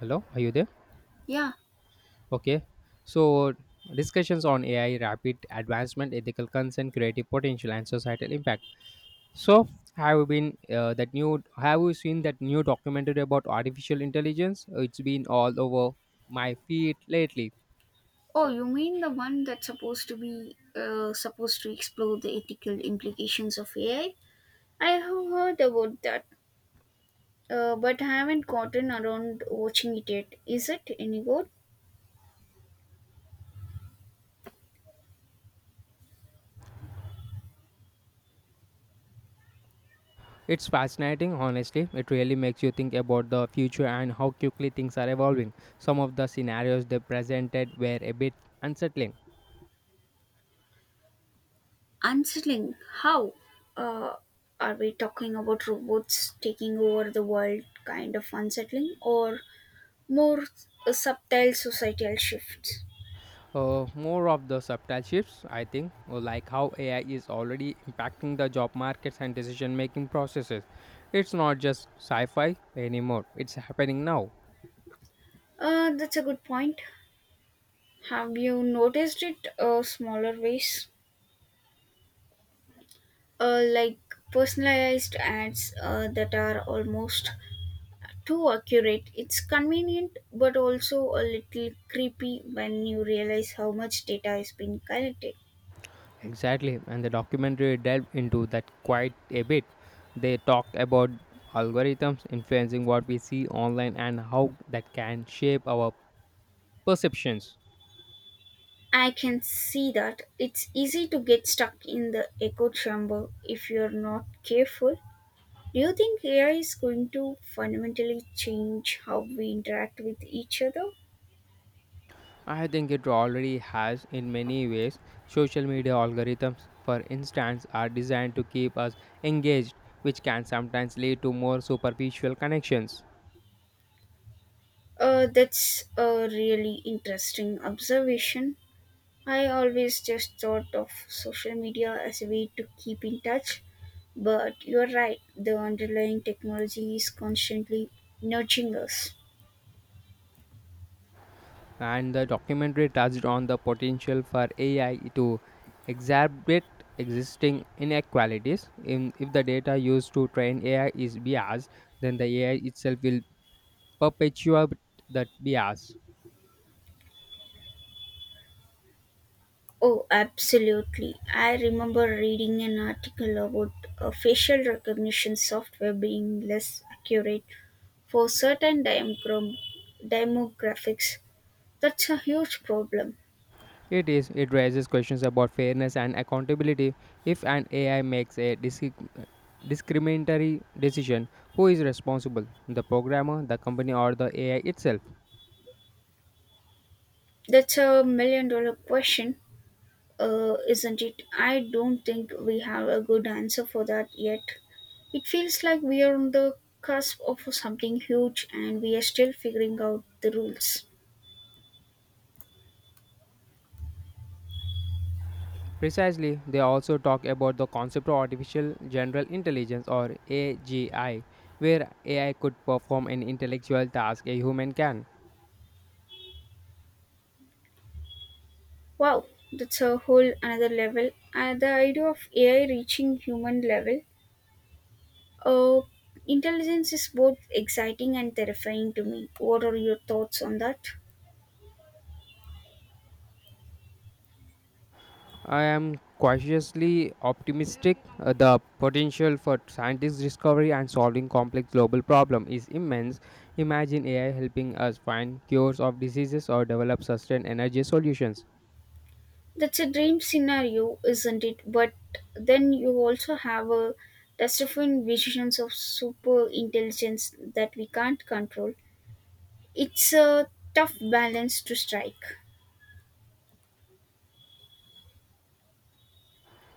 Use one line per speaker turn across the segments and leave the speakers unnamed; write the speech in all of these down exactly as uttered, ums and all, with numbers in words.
Hello, are you there?
Yeah.
Okay. So, discussions on A I, rapid advancement, ethical concern, creative potential, and societal impact. So, have you been uh, that new? Have you seen that new documentary about artificial intelligence? It's been all over my feed lately.
Oh, you mean the one that's supposed to be uh, supposed to explore the ethical implications of A I? I I have heard about that, uh, but I haven't gotten around watching it yet. Is it any good?
It's fascinating, honestly. It really makes you think about the future and how quickly things are evolving. Some of the scenarios they presented were a bit unsettling.
Unsettling. How? Uh, are we talking about robots taking over the world, kind of unsettling, or more uh, subtle societal shifts?
Uh, more of the subtle shifts, I think, or like how A I is already impacting the job markets and decision making processes. It's not just sci fi anymore, it's happening now.
Uh, that's a good point. Have you noticed it uh, smaller ways? Uh, like personalized ads uh, that are almost too accurate. It's convenient but also a little creepy when you realize how much data is being collected.
Exactly, and the documentary delved into that quite a bit. They talked about algorithms influencing what we see online and how that can shape our perceptions.
I can see that. It's easy to get stuck in the echo chamber if you're not careful. Do you think A I is going to fundamentally change how we interact with each other?
I think it already has in many ways. Social media algorithms, for instance, are designed to keep us engaged, which can sometimes lead to more superficial connections.
Uh, that's a really interesting observation. I always just thought of social media as a way to keep in touch, but you're right, the underlying technology is constantly nudging us.
And the documentary touched on the potential for A I to exacerbate existing inequalities. In, if the data used to train A I is biased, then the A I itself will perpetuate that bias.
Oh, absolutely. I remember reading an article about a facial recognition software being less accurate for certain demogra- demographics. That's a huge problem.
It is. It raises questions about fairness and accountability. If an A I makes a disc- discriminatory decision, who is responsible? The programmer, the company, or the A I itself?
That's a million dollar question, uh, isn't it? I don't think we have a good answer for that yet. It feels like we are on the cusp of something huge and we are still figuring out the rules.
Precisely, they also talk about the concept of artificial general intelligence or A G I, where A I could perform an intellectual task a human can.
Wow, that's a whole another level. And the idea of A I reaching human level, uh, intelligence is both exciting and terrifying to me. What are your thoughts on that?
I am cautiously optimistic. Uh, the potential for scientific discovery and solving complex global problems is immense. Imagine A I helping us find cures of diseases or develop sustained energy solutions.
That's a dream scenario, isn't it? But then you also have a terrifying visions of super intelligence that we can't control. It's a tough balance to strike.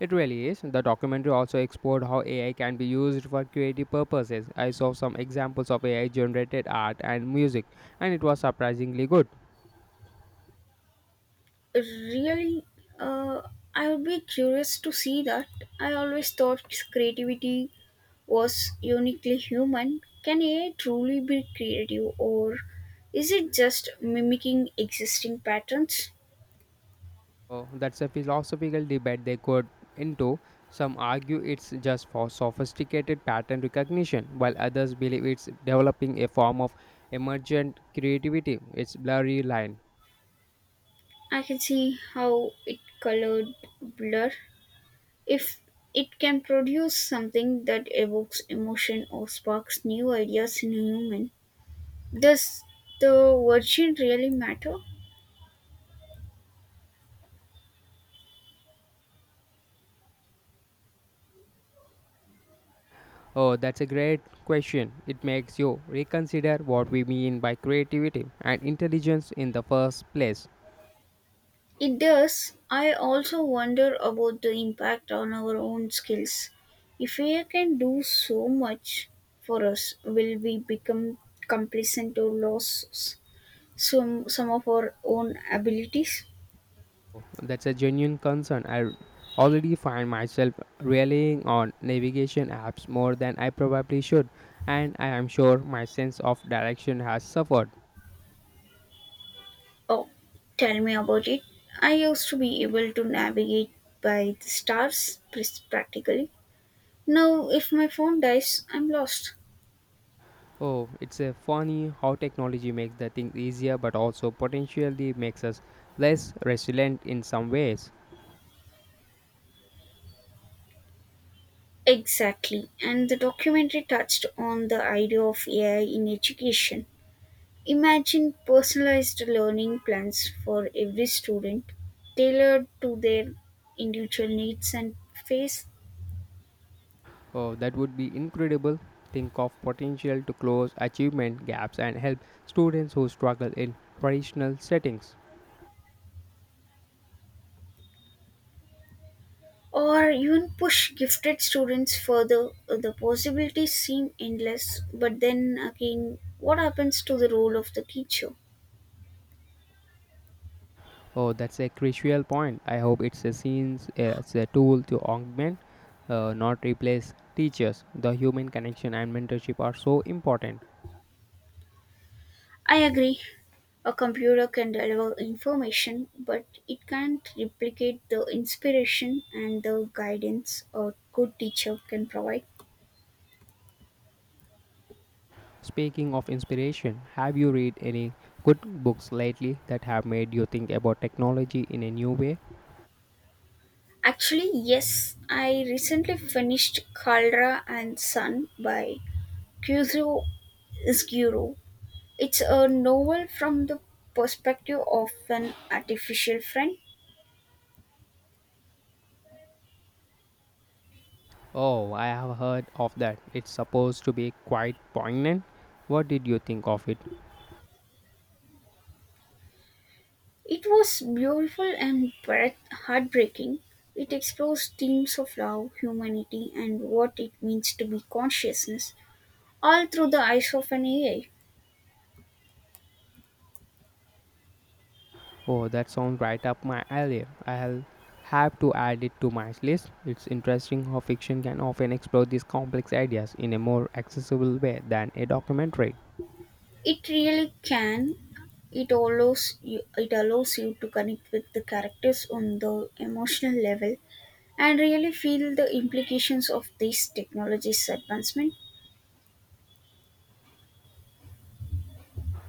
It really is. The documentary also explored how A I can be used for creative purposes. I saw some examples of A I generated art and music, and it was surprisingly good.
Really, uh, I would be curious to see that. I always thought creativity was uniquely human. Can A I truly be creative, or is it just mimicking existing patterns?
Oh, that's a philosophical debate they could into. Some argue it's just for sophisticated pattern recognition, while others believe it's developing a form of emergent creativity. It's blurry line.
I can see how it colored blur. If it can produce something that evokes emotion or sparks new ideas in a human, does the virgin really matter?
Oh, that's a great question. It makes you reconsider what we mean by creativity and intelligence in the first place.
It does. I also wonder about the impact on our own skills. If A I can do so much for us, will we become complacent or lose some, some of our own abilities?
That's a genuine concern. I already find myself relying on navigation apps more than I probably should, and I am sure my sense of direction has suffered.
Oh, tell me about it. I used to be able to navigate by the stars pres- practically. Now, if my phone dies, I'm lost.
Oh, it's a funny how technology makes the things easier but also potentially makes us less resilient in some ways.
Exactly. And the documentary touched on the idea of A I in education. Imagine personalized learning plans for every student, tailored to their individual needs and phase.
Oh, that would be incredible. Think of potential to close achievement gaps and help students who struggle in traditional settings.
Or even push gifted students further. Uh, The possibilities seem endless, but then again, what happens to the role of the teacher?
Oh, that's a crucial point. I hope it's a scenes as a tool to augment, uh, not replace teachers. The human connection and mentorship are so important.
I agree, a computer can deliver information, but it can't replicate the inspiration and the guidance a good teacher can provide.
Speaking of inspiration, have you read any good books lately that have made you think about technology in a new way?
Actually, yes, I recently finished Caldera and Son* by Kyuzo Isguro. It's a novel from the perspective of an artificial friend.
Oh, I have heard of that. It's supposed to be quite poignant. What did you think of it?
It was beautiful and breath- heartbreaking. It explores themes of love, humanity, and what it means to be consciousness, all through the eyes of an A I.
Oh, that sounds right up my alley. I'll have to add it to my list. It's interesting how fiction can often explore these complex ideas in a more accessible way than a documentary.
It really can. It allows you, it allows you to connect with the characters on the emotional level and really feel the implications of this technology's advancement.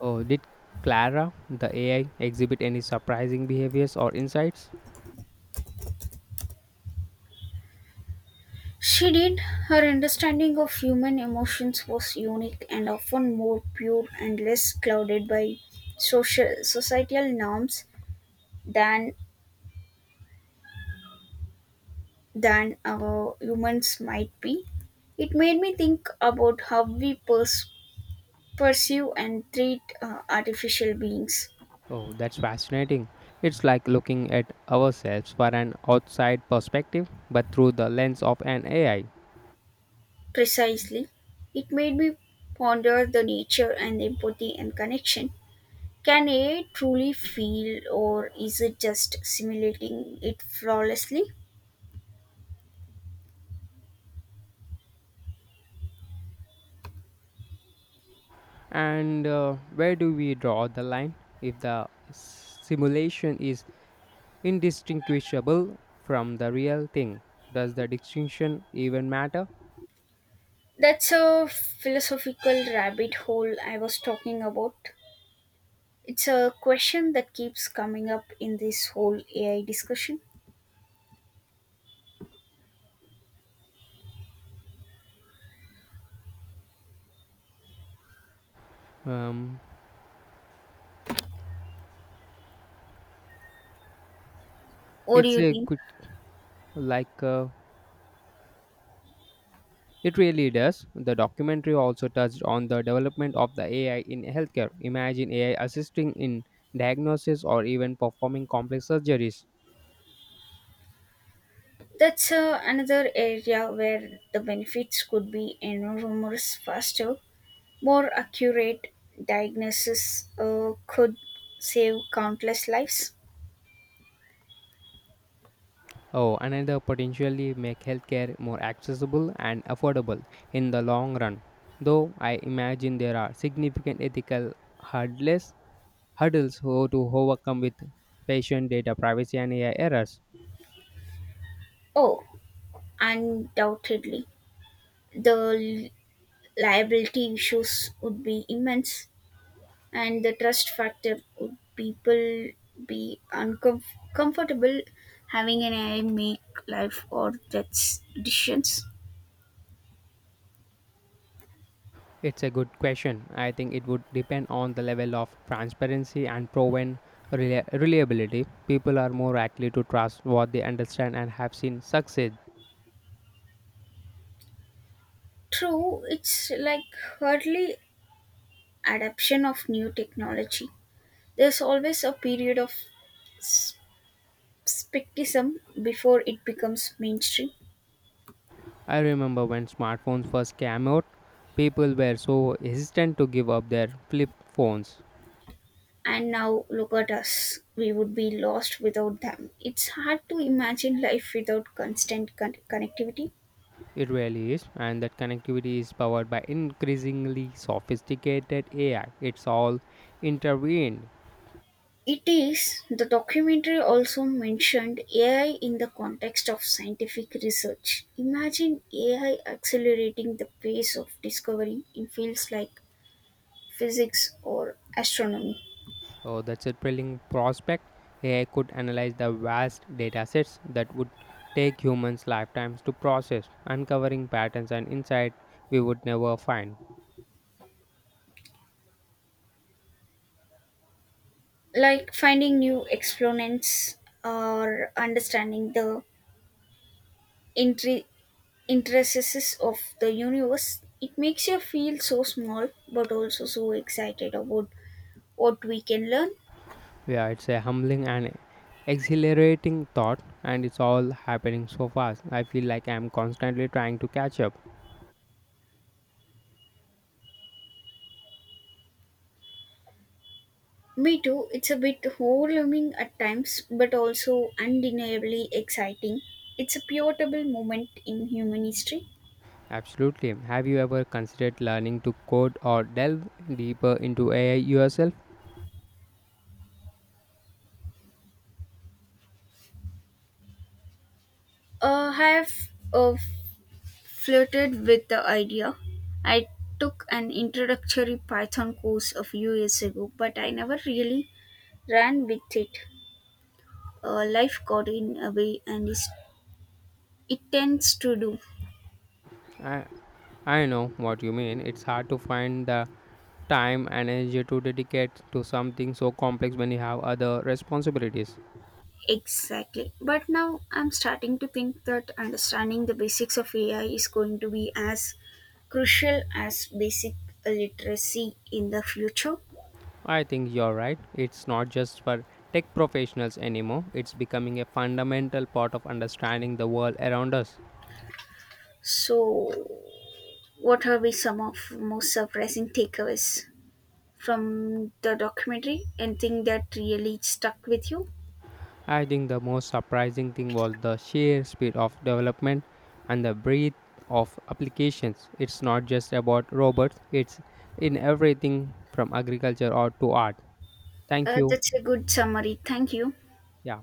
Oh, did Clara, the A I, exhibit any surprising behaviors or insights?
She did. Her understanding of human emotions was unique and often more pure and less clouded by social societal norms than than uh, humans might be. It made me think about how we pers- pursue and treat uh, artificial beings.
Oh, that's fascinating. It's like looking at ourselves for an outside perspective, but through the lens of an A I.
Precisely, it made me ponder the nature and empathy and connection. Can A I truly feel, or is it just simulating it flawlessly?
And uh, where do we draw the line? If the simulation is indistinguishable from the real thing. Does the distinction even matter?
That's a philosophical rabbit hole I was talking about. It's a question that keeps coming up in this whole A I discussion.
Um,
What do
it's
you
a
think?
good, like, uh, it really does. The documentary also touched on the development of the A I in healthcare. Imagine A I assisting in diagnosis or even performing complex surgeries.
That's uh, another area where the benefits could be enormous. Faster, more accurate diagnosis uh, could save countless lives.
Oh, another potentially make healthcare more accessible and affordable in the long run. Though I imagine there are significant ethical hurdles hurdles ho- to overcome with patient data privacy and A I errors?
Oh, undoubtedly. The liability issues would be immense, and the trust factor. Would people be uncomfortable having an A I make life or death decisions?
It's a good question. I think it would depend on the level of transparency and proven rela- reliability. People are more likely to trust what they understand and have seen succeed.
True, it's like hardly adoption of new technology. There's always a period of s- skepticism before it becomes mainstream.
I remember when smartphones first came out, people were so hesitant to give up their flip phones.
And now look at us, we would be lost without them. It's hard to imagine life without constant con- connectivity.
It really is, and that connectivity is powered by increasingly sophisticated A I. It's all intervened.
It is. The documentary also mentioned A I in the context of scientific research. Imagine A I accelerating the pace of discovery in fields like physics or astronomy,
Oh, that's a thrilling prospect. A I could analyze the vast datasets that would take humans lifetimes to process, uncovering patterns and insight we would never find.
like finding new exponents or understanding the intri- intricacies of the universe. It makes you feel so small but also so excited about what we can learn.
Yeah, it's a humbling and exhilarating thought, and it's all happening so fast. I feel like I'm constantly trying to catch up.
Me too. It's a bit overwhelming at times, but also undeniably exciting. It's a pivotal moment in human history.
Absolutely. Have you ever considered learning to code or delve deeper into A I yourself?
Uh, I have uh, flirted with the idea. I took an introductory Python course a few years ago, but I never really ran with it. Uh, life got in a way, and is- it tends to do.
I, I know what you mean. It's hard to find the time and energy to dedicate to something so complex when you have other responsibilities.
Exactly. But now I'm starting to think that understanding the basics of A I is going to be as crucial as basic literacy in the future.
I think you're right. It's not just for tech professionals anymore, it's becoming a fundamental part of understanding the world around us.
So, what are we some of most surprising takeaways from the documentary? Anything that really stuck with you?
I think the most surprising thing was the sheer speed of development and the breadth of applications. It's not just about robots, it's in everything from agriculture or to art. Thank
Uh,
you.
that's a good summary. Thank you.
Yeah.